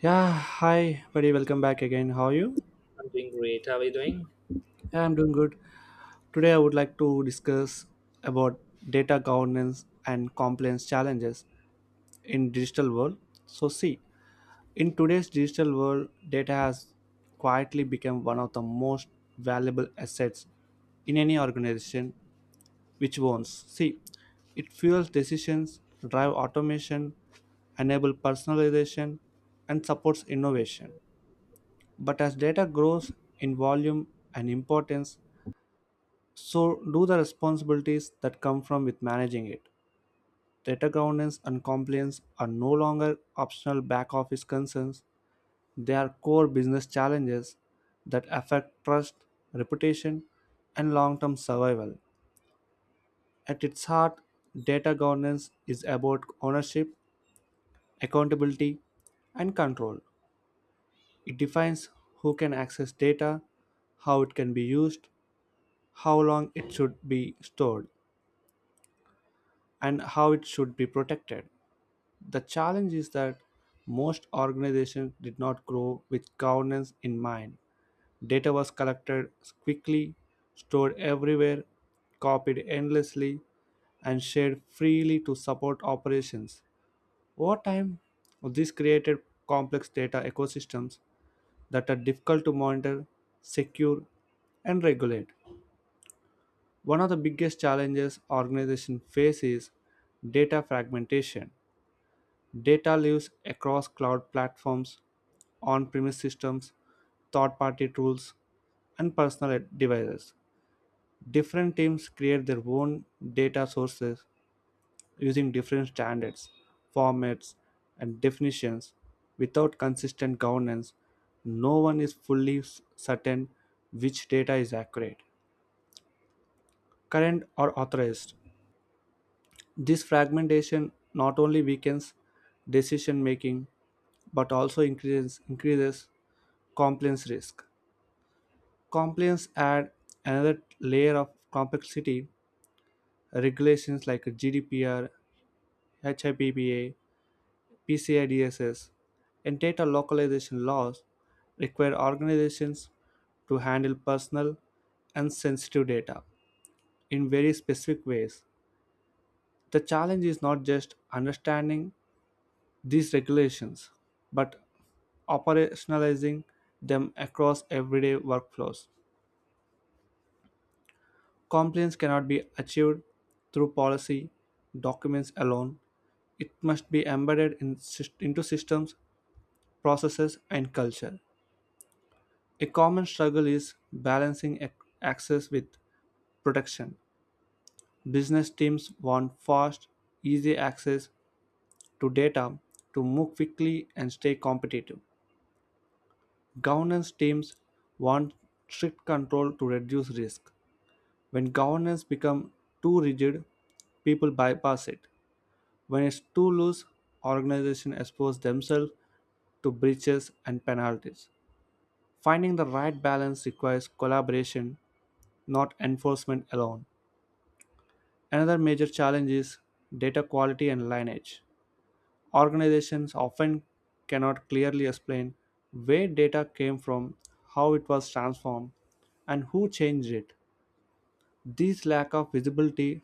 Yeah, hi buddy, welcome back again. How are you? I'm doing great. How are you doing? Yeah, I'm doing good. Today I would like to discuss about data governance and compliance challenges in digital world. So see, in today's digital world, data has quietly become one of the most valuable assets in any organization which owns. See, it fuels decisions, drive automation, enable personalization and supports innovation. But as data grows in volume and importance, so do the responsibilities that come from with managing it. Data governance and compliance are no longer optional back office concerns. They are core business challenges that affect trust, reputation, and long term survival. At its heart, data governance is about ownership, accountability, and control. It defines who can access data, how it can be used, how long it should be stored, and how it should be protected. The challenge is that most organizations did not grow with governance in mind. Data was collected quickly, stored everywhere, copied endlessly, and shared freely to support operations. Over time, this created complex data ecosystems that are difficult to monitor, secure, and regulate. One of the biggest challenges organizations face is data fragmentation. Data lives across cloud platforms, on premise systems, third party tools, and personal devices. Different teams create their own data sources using different standards, formats, and definitions without consistent governance. No one is fully certain which data is accurate, current, or authorized. This fragmentation not only weakens decision making but also increases compliance risk. Compliance add another layer of complexity. Regulations like GDPR, HIPAA, PCI DSS, and data localization laws require organizations to handle personal and sensitive data in very specific ways. The challenge is not just understanding these regulations, but operationalizing them across everyday workflows. Compliance cannot be achieved through policy documents alone. It must be embedded into systems, processes, and culture. A common struggle is balancing access with protection. Business teams want fast, easy access to data to move quickly and stay competitive. Governance teams want strict control to reduce risk. When governance becomes too rigid, people bypass it. When it's too loose, organizations expose themselves to breaches and penalties. Finding the right balance requires collaboration, not enforcement alone. Another major challenge is data quality and lineage. Organizations often cannot clearly explain where data came from, how it was transformed, and who changed it. This lack of visibility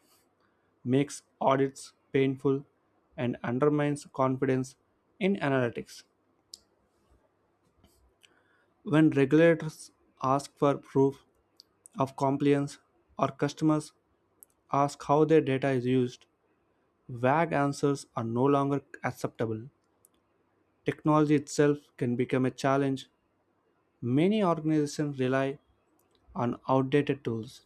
makes audits painful, and undermines confidence in analytics. When regulators ask for proof of compliance or customers ask how their data is used, vague answers are no longer acceptable. Technology itself can become a challenge. Many organizations rely on outdated tools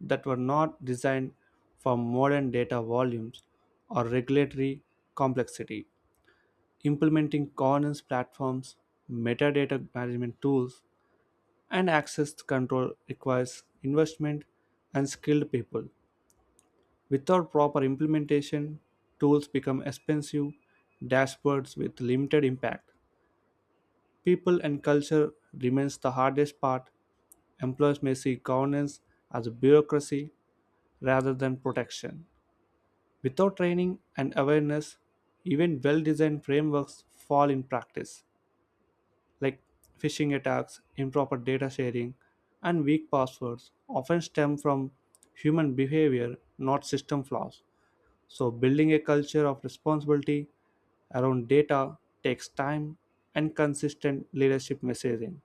that were not designed for modern data volumes or regulatory complexity. Implementing governance platforms, metadata management tools, and access control requires investment and skilled people. Without proper implementation, tools become expensive dashboards with limited impact. People and culture remains the hardest part. Employers may see governance as a bureaucracy rather than protection. Without training and awareness, even well designed frameworks fall in practice. Like phishing attacks, improper data sharing, and weak passwords often stem from human behavior, not system flaws. So, building a culture of responsibility around data takes time and consistent leadership messaging.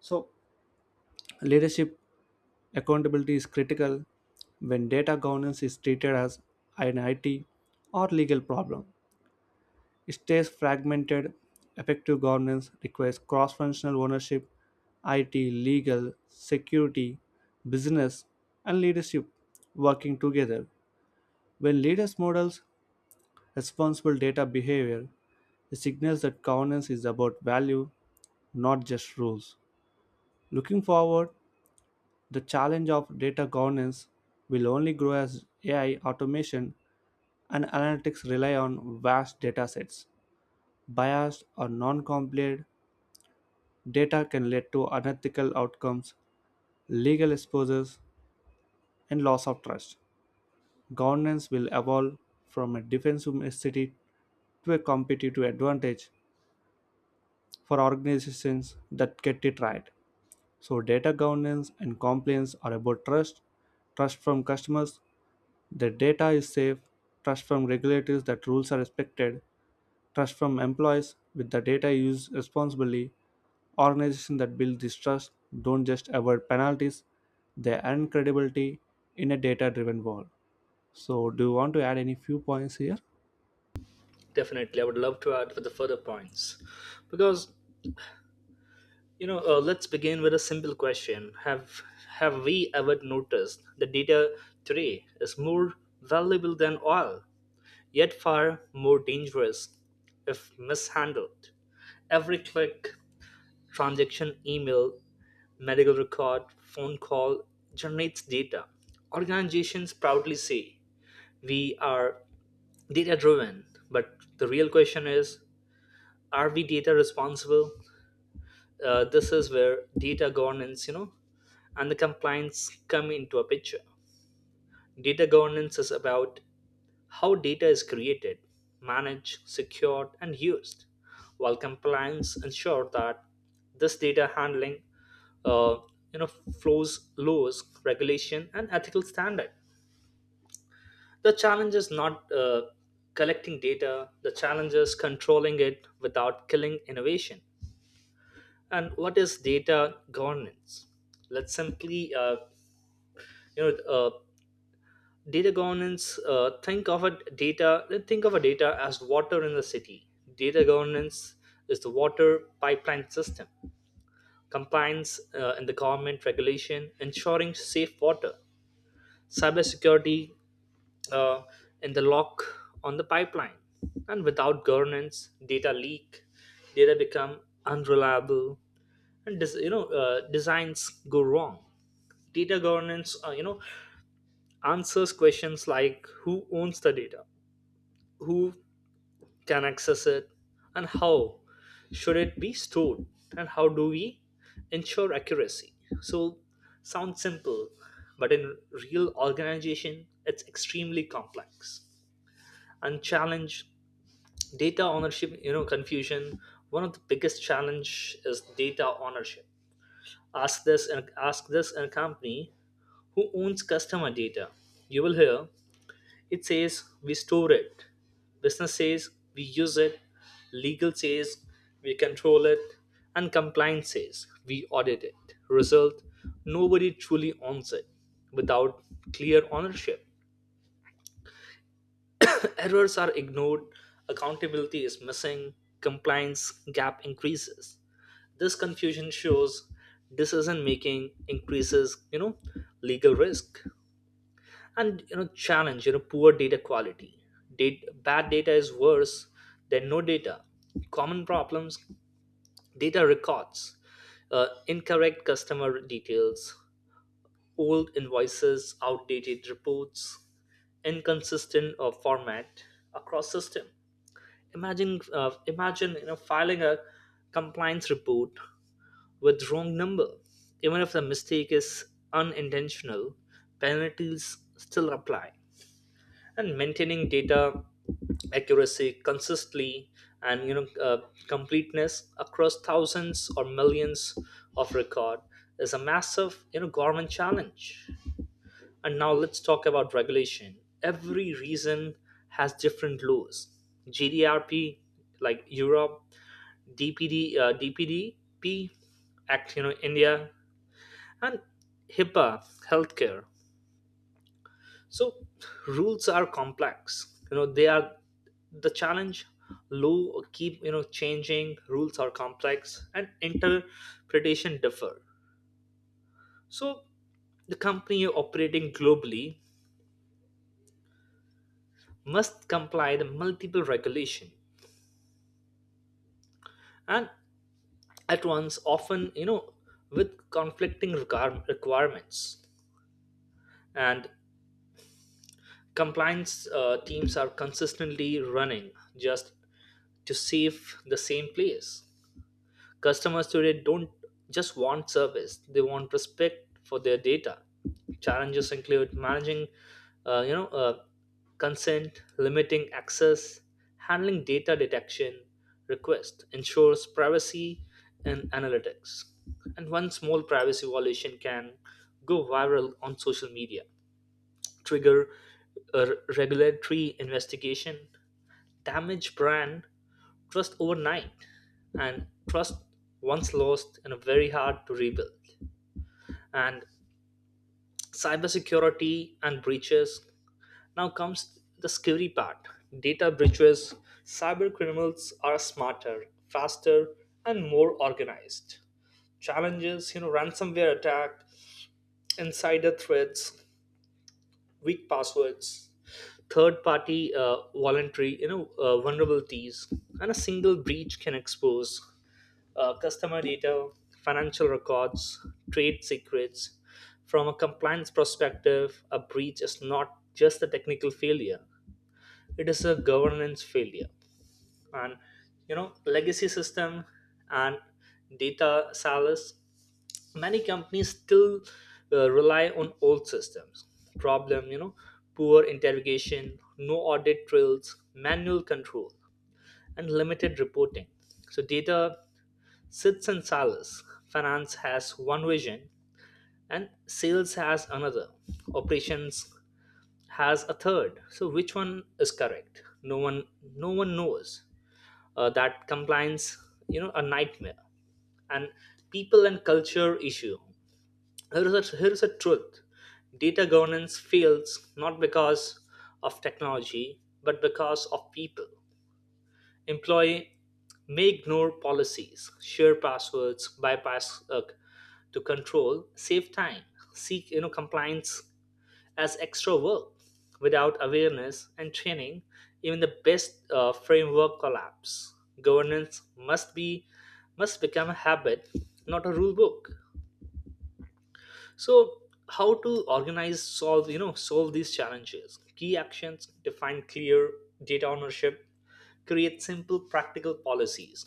So, leadership accountability is critical when data governance is treated as an IT or legal problem. It stays fragmented. Effective governance requires cross functional ownership, IT, legal, security, business, and leadership working together. When leaders models responsible data behavior, it signals that governance is about value, not just rules. Looking forward, the challenge of data governance will only grow as AI automation and analytics rely on vast data sets. Biased or non compliant data can lead to unethical outcomes, legal exposures, and loss of trust. Governance will evolve from a defensive necessity to a competitive advantage for organizations that get it right. So, data governance and compliance are about trust, trust from customers that data is safe, trust from regulators that rules are respected, trust from employees with the data used responsibly. Organizations that build this trust don't just avoid penalties, they earn credibility in a data driven world. So, do you want to add any few points here? Definitely, I would love to add for the further points, because let's begin with a simple question: Have we ever noticed that data today is more valuable than oil, yet far more dangerous if mishandled? Every click, transaction, email, medical record, phone call generates data. Organizations proudly say we are data driven, but the real question is are we data responsible? This is where data governance and the compliance come into a picture. Data governance is about how data is created, managed, secured and used, while compliance ensure that this data handling uh, you know flows laws, regulation and ethical standard. The challenge is not collecting data, the challenge is controlling it without killing innovation. And what is data governance? Let's simply, you know, data governance. Think of a data as water in the city. Data governance is the water pipeline system, compliance in the government regulation, ensuring safe water, cybersecurity uh, in the lock on the pipeline. And without governance, data leak, data become unreliable, and designs go wrong. Data governance answers questions like who owns the data, who can access it, and how should it be stored, and how do we ensure accuracy. So sounds simple, but in real organization it's extremely complex and challenge. Data ownership, confusion. One of the biggest challenge is data ownership. Ask this and company, who owns customer data. You will hear it says we store it. Business says we use it. Legal says we control it. And compliance says we audit it. Result, nobody truly owns it without clear ownership. Errors are ignored, accountability is missing, compliance gap increases. This confusion shows decision making increases, legal risk, and challenge, poor data quality. Bad data is worse than no data. Common problems: data records, incorrect customer details, old invoices, outdated reports, inconsistent format across system. Imagine filing a compliance report with wrong number. Even if the mistake is unintentional, penalties still apply. And maintaining data accuracy consistently and completeness across thousands or millions of record is a massive government challenge. And now let's talk about regulation. Every region has different laws. GDRP, like Europe, DPDP Act, India, and HIPAA, healthcare. So rules are complex. They are the challenge. Law keep changing. Rules are complex, and interpretation differ. So the company operating globally must comply the multiple regulation, and at once often with conflicting requirements, and compliance teams are consistently running just to save the same place. Customers today don't just want service, they want respect for their data. Challenges include managing, uh, you know, uh, consent, limiting access, handling data detection request, ensures privacy and analytics. And one small privacy violation can go viral on social media, trigger a regulatory investigation, damage brand trust overnight, and trust once lost and very hard to rebuild. And cybersecurity and breaches, now comes the scary part, data breaches. Cyber criminals are smarter, faster, and more organized. Challenges, ransomware attack, insider threats, weak passwords, third party voluntary you know vulnerabilities. And a single breach can expose customer data, financial records, trade secrets. From a compliance perspective, a breach is not just a technical failure, it is a governance failure. And legacy system and data silos, many companies still rely on old systems. Problem, poor interrogation, no audit trails, manual control, and limited reporting. So data sits and silos. Finance has one vision and sales has another. Operations has a third. So which one is correct? No one knows. That compliance, a nightmare. And people and culture issue. Here is a truth. Data governance fails not because of technology, but because of people. Employee may ignore policies, share passwords, bypass to control, save time, seek compliance as extra work. Without awareness and training, even the best framework collapse. Governance must become a habit, not a rule book. So how to organize, solve solve these challenges. Key actions: define clear data ownership, create simple practical policies,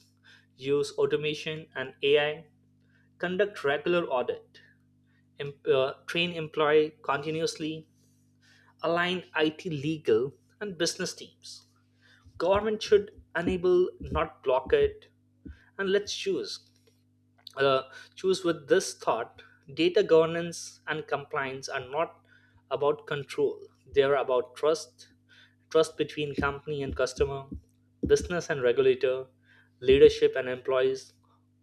use automation and AI, conduct regular audit, train employee continuously, align it legal and business teams, government should enable not block it. And let's choose uh, choose with this thought: data governance and compliance are not about control, they are about trust. Trust between company and customer, business and regulator, leadership and employees.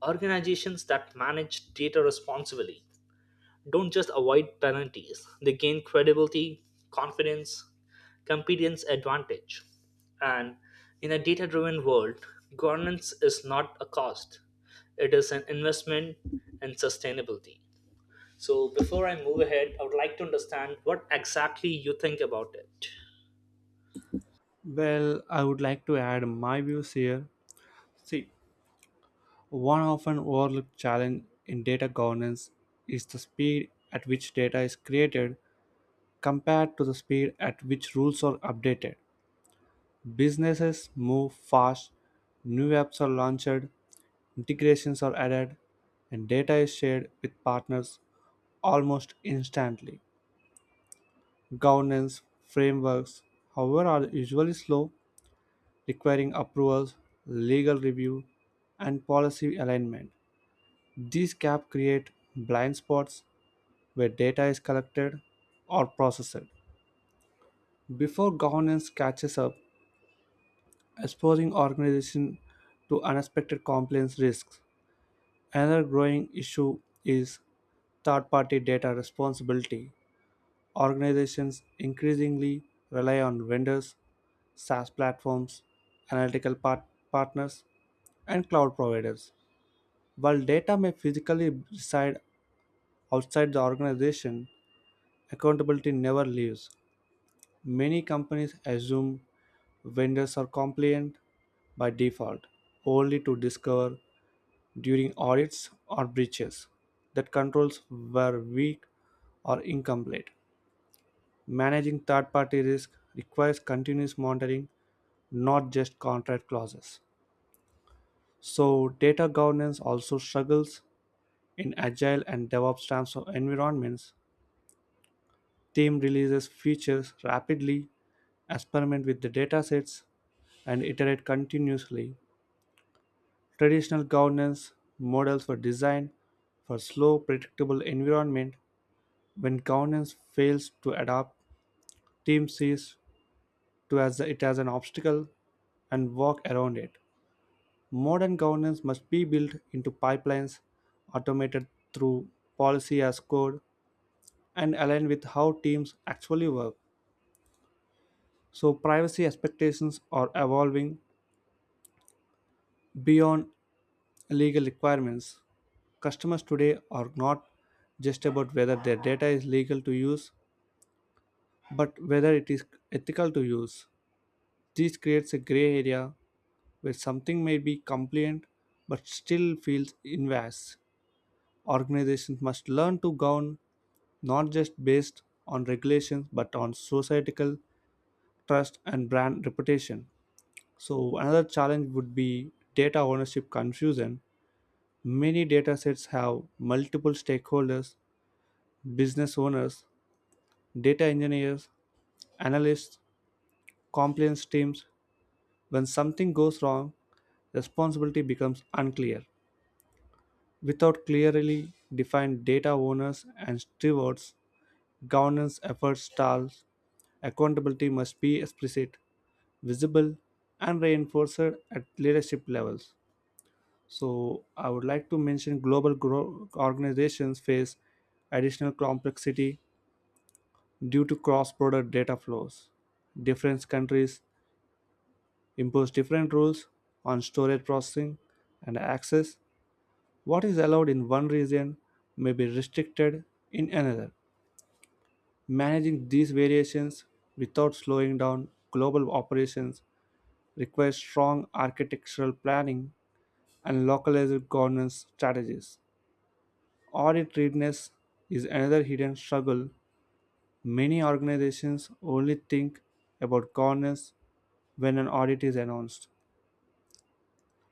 Organizations that manage data responsibly don't just avoid penalties, they gain credibility, confidence, competence advantage. And in a data driven world, governance is not a cost, it is an investment in sustainability. So, before I move ahead, I would like to understand what exactly you think about it. Well, I would like to add my views here. See, one often overlooked challenge in data governance is the speed at which data is created compared to the speed at which rules are updated. Businesses move fast, new apps are launched, integrations are added, and data is shared with partners almost instantly. Governance frameworks, however, are usually slow, requiring approvals, legal review, and policy alignment. These gaps create blind spots where data is collected or processed. Before governance catches up, exposing organizations to unexpected compliance risks. Another growing issue is third party data responsibility. Organizations increasingly rely on vendors, SaaS platforms, analytical partners, and cloud providers. While data may physically reside outside the organization, accountability never leaves. Many companies assume vendors are compliant by default, only to discover during audits or breaches that controls were weak or incomplete. Managing third party risk requires continuous monitoring, not just contract clauses. So, data governance also struggles in agile and DevOps types of environments. Team releases features rapidly, experiment with the datasets, and iterate continuously. Traditional governance models were designed for slow, predictable environment. When governance fails to adapt, team sees to as it as an obstacle and walk around it. Modern governance must be built into pipelines, automated through policy as code, and aligned with how teams actually work. So, privacy expectations are evolving beyond legal requirements. Customers today are not just about whether their data is legal to use, but whether it is ethical to use. This creates a gray area where something may be compliant but still feels invasive. Organizations must learn to govern not just based on regulations but on societal trust and brand reputation. So, another challenge would be data ownership confusion. Many data sets have multiple stakeholders, business owners, data engineers, analysts, compliance teams. When something goes wrong, responsibility becomes unclear. Without clearly defined data owners and stewards, governance efforts stall. Accountability must be explicit, visible and reinforced at leadership levels. So, I would like to mention organizations face additional complexity due to cross border data flows. Different countries impose different rules on storage processing and access. What is allowed in one region may be restricted in another. Managing these variations without slowing down global operations requires strong architectural planning and localized governance strategies. Audit readiness is another hidden struggle. Many organizations only think about governance when an audit is announced.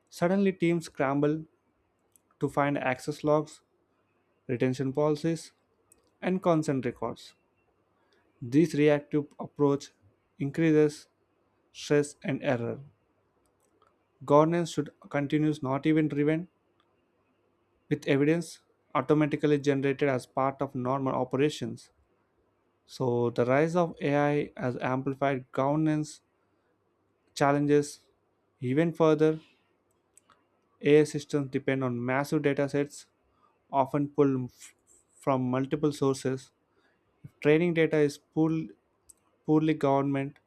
Suddenly, teams scramble to find access logs, retention policies, and consent records. This reactive approach increases stress and error. Governance should continue not event driven, with evidence automatically generated as part of normal operations. So the rise of AI has amplified governance challenges even further. AI systems depend on massive data sets, often from multiple sources. If training data is poorly governed,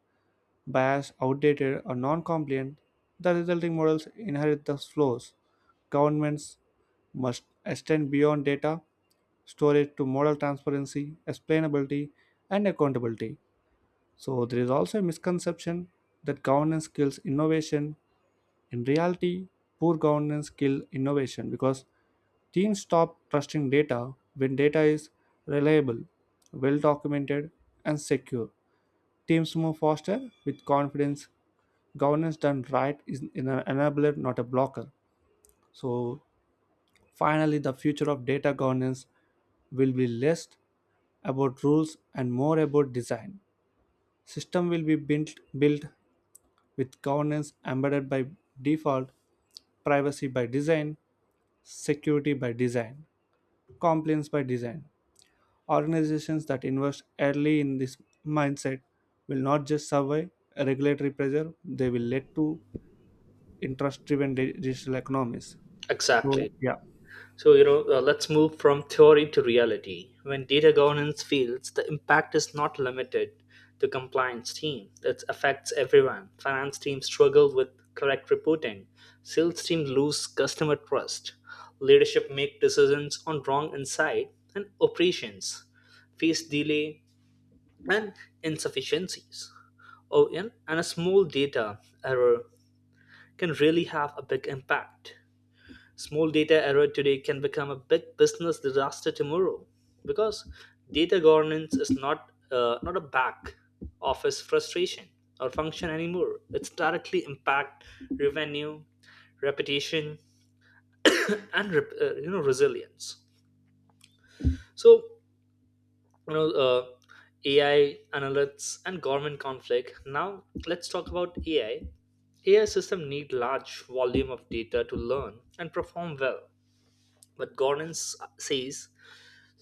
biased, outdated, or non-compliant, the resulting models inherit the flaws. Governments must extend beyond data storage to model transparency, explainability, and accountability. So there is also a misconception that governance kills innovation. In reality, poor governance kills innovation because teams stop trusting data. When data is reliable, well documented, and secure, teams move faster with confidence. Governance done right is an enabler, not a blocker. So finally, the future of data governance will be less about rules and more about design. System will be built with governance embedded by default, privacy by design, security by design, compliance by design. Organizations that invest early in this mindset will not just survive regulatory pressure, they will lead to interest driven digital economies. So, Exactly. yeah, So, let's move from theory to reality. When data governance fails, the impact is not limited to compliance team. It affects everyone. Finance team struggle with correct reporting. Sales team lose customer trust. Leadership make decisions on wrong insight and operations face delay and insufficiencies. Oh, and a small data error can really have a big impact. Small data error today can become a big business disaster tomorrow, because data governance is not a back office frustration or function anymore. It's directly impact revenue, reputation, and resilience. So you know uh, AI analytics and government conflict. Now let's talk about AI. AI system need large volume of data to learn and perform well, but governance says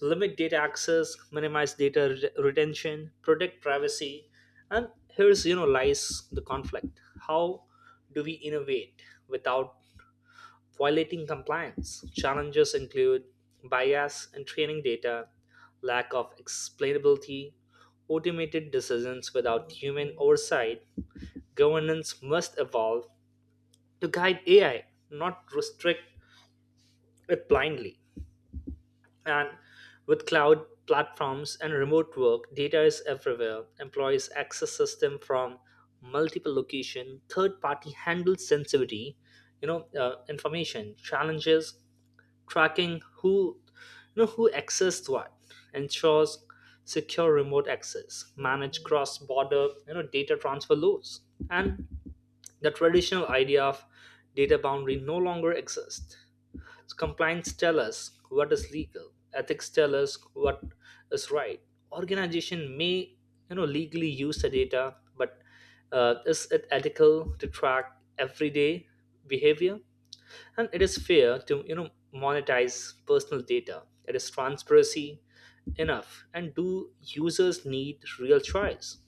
limit data access, minimize data retention, protect privacy, and here's lies the conflict. How do we innovate without violating compliance? Challenges include bias in training data, lack of explainability, automated decisions without human oversight. Governance must evolve to guide AI, not restrict it blindly. And with cloud platforms and remote work, data is everywhere. Employees access system from multiple location. Third party handles sensitivity, information challenges, tracking who, who accessed what, ensures secure remote access, manage cross border, data transfer loads, and the traditional idea of data boundary no longer exists. Compliance tell us what is legal. Ethics tell us what is right. Organization may, legally use the data, but is it ethical to track everyday behavior? And it is fair to, monetize personal data. It is transparency enough. And do users need real choice?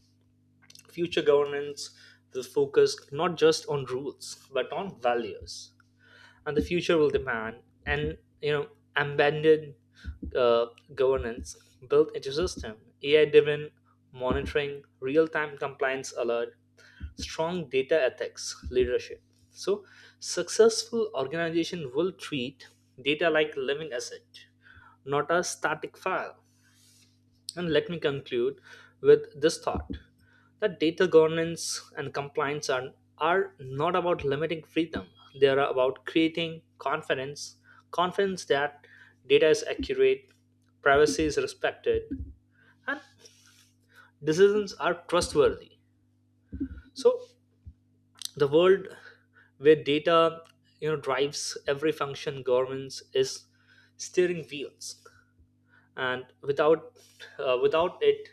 Future governance will focus not just on rules, but on values. And the future will demand and embedded uh, governance built into system, AI driven monitoring, real time compliance alert, strong data ethics leadership. So successful organization will treat data like living asset, not a static file. And let me conclude with this thought that data governance and are not about limiting freedom, they are about creating confidence. Confidence that data is accurate, privacy is respected, and decisions are trustworthy. So, the world where data drives every function, governance is steering wheels. And without it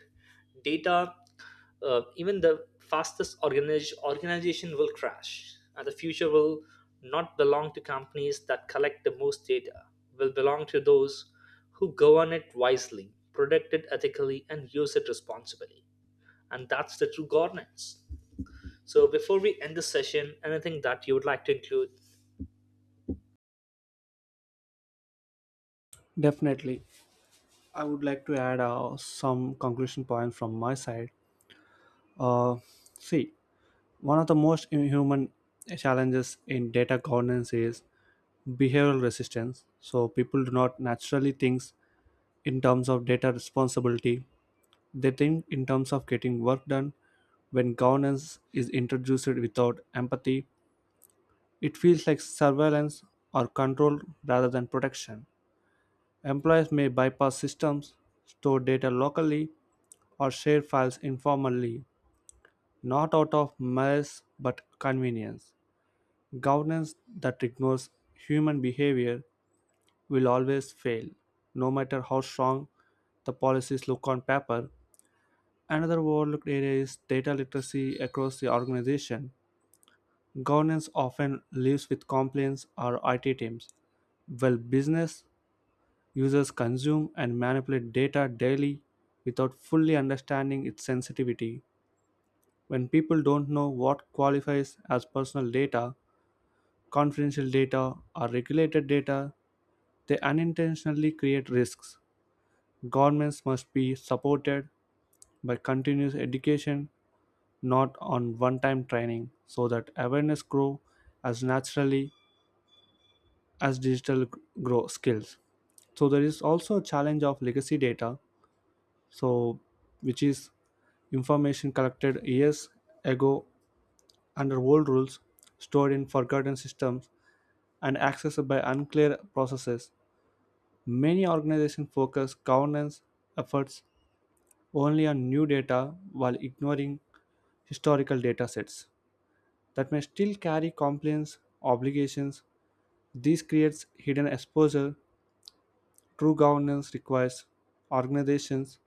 data, even the fastest organization will crash. And the future will not belong to companies that collect the most data, will belong to those who govern it wisely, protect it ethically, and use it responsibly. And that's the true governance. So before we end this session, anything that you would like to include? definitely. I would like to add some conclusion point from my side. Uh, see, one of the most human challenges in data governance is behavioral resistance. So people do not naturally think in terms of data responsibility. They think in terms of getting work done. When governance is introduced without empathy, it feels like surveillance or control rather than protection. Employees may bypass systems, store data locally, or share files informally, not out of malice but convenience. Governance that ignores human behavior will always fail, no matter how strong the policies look on paper. Another overlooked area is data literacy across the organization. Governance often lives with compliance or IT teams, while business users consume and manipulate data daily without fully understanding its sensitivity. When people don't know what qualifies as personal data, confidential data, or regulated data, they unintentionally create risks. Governments must be supported by continuous education, not on one time training, so that awareness grows as naturally as grow skills. So there is also a challenge of legacy data, so which is information collected years ago under old rules, stored in forgotten systems, and accessed by unclear processes. Many organizations focus governance efforts only on new data while ignoring historical data sets that may still carry compliance obligations. This creates hidden exposure. True governance requires organizations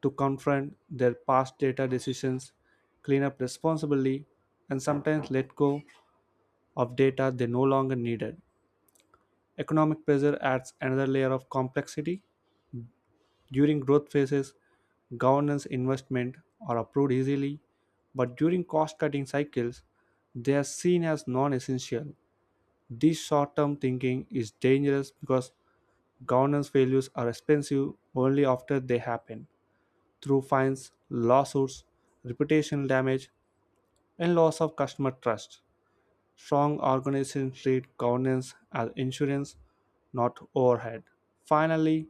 to confront their past data decisions, clean up responsibly, and sometimes let go of data they no longer needed. Economic pressure adds another layer of complexity. During growth phases, governance investment are approved easily, but during cost cutting cycles, they are seen as non essential. This short term thinking is dangerous because governance failures are expensive only after they happen through fines, lawsuits, reputational damage, and loss of customer trust. Strong organizations treat governance as insurance, not overhead. Finally,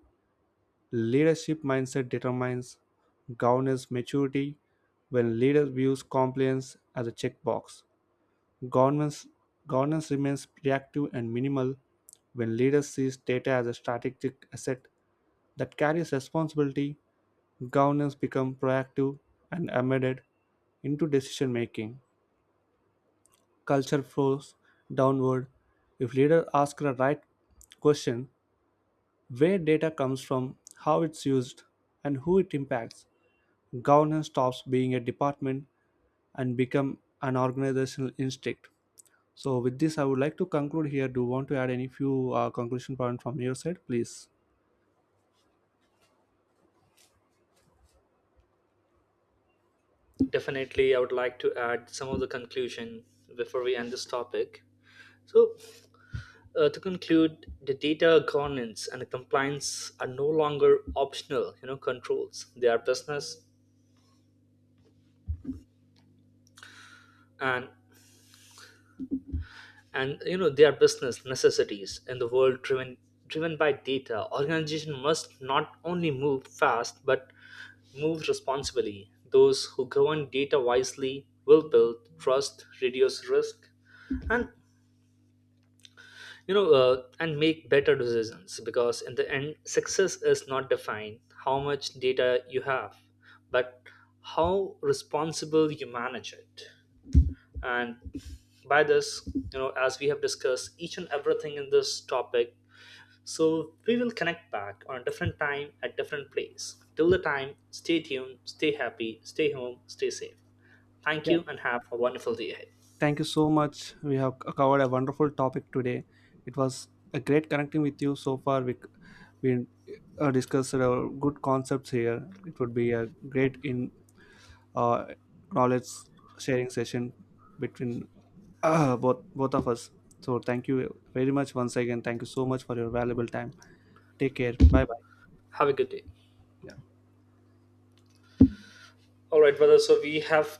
leadership mindset determines governance maturity. When leaders views compliance as a checkbox, governance governance remains reactive and minimal. When leaders sees data as a strategic asset that carries responsibility, governance become proactive and embedded into decision making. Culture flows downward. If leaders ask the right question, where data comes from, how it's used, and who it impacts, governance stops being a department and become an organizational instinct. So with this I would like to conclude here. Do you want to add any few conclusion points from your side, please? Definitely, I would like to add some of the conclusion before we end this topic. So to conclude, the data governance and the compliance are no longer optional, controls. They are business, and and they are business necessities in the world driven by data. Organization must not only move fast but move responsibly. Those who govern data wisely will build trust, reduce risk, and and make better decisions, because in the end success is not defined how much data you have, but how responsible you manage it. And by this, as we have discussed each and everything in this topic, so we will connect back on a different time at different place. Till the time, stay tuned, stay happy, stay home, stay safe. Thank Yeah, you and have a wonderful day ahead. thank you so much. We have covered a wonderful topic today. It was a great connecting with you so far. We discussed good concepts here. It would be a great in uh, knowledge sharing session between both of us. So thank you very much once again. Thank you so much for your valuable time. Take care. Bye bye. Have a good day. All right brother, so we have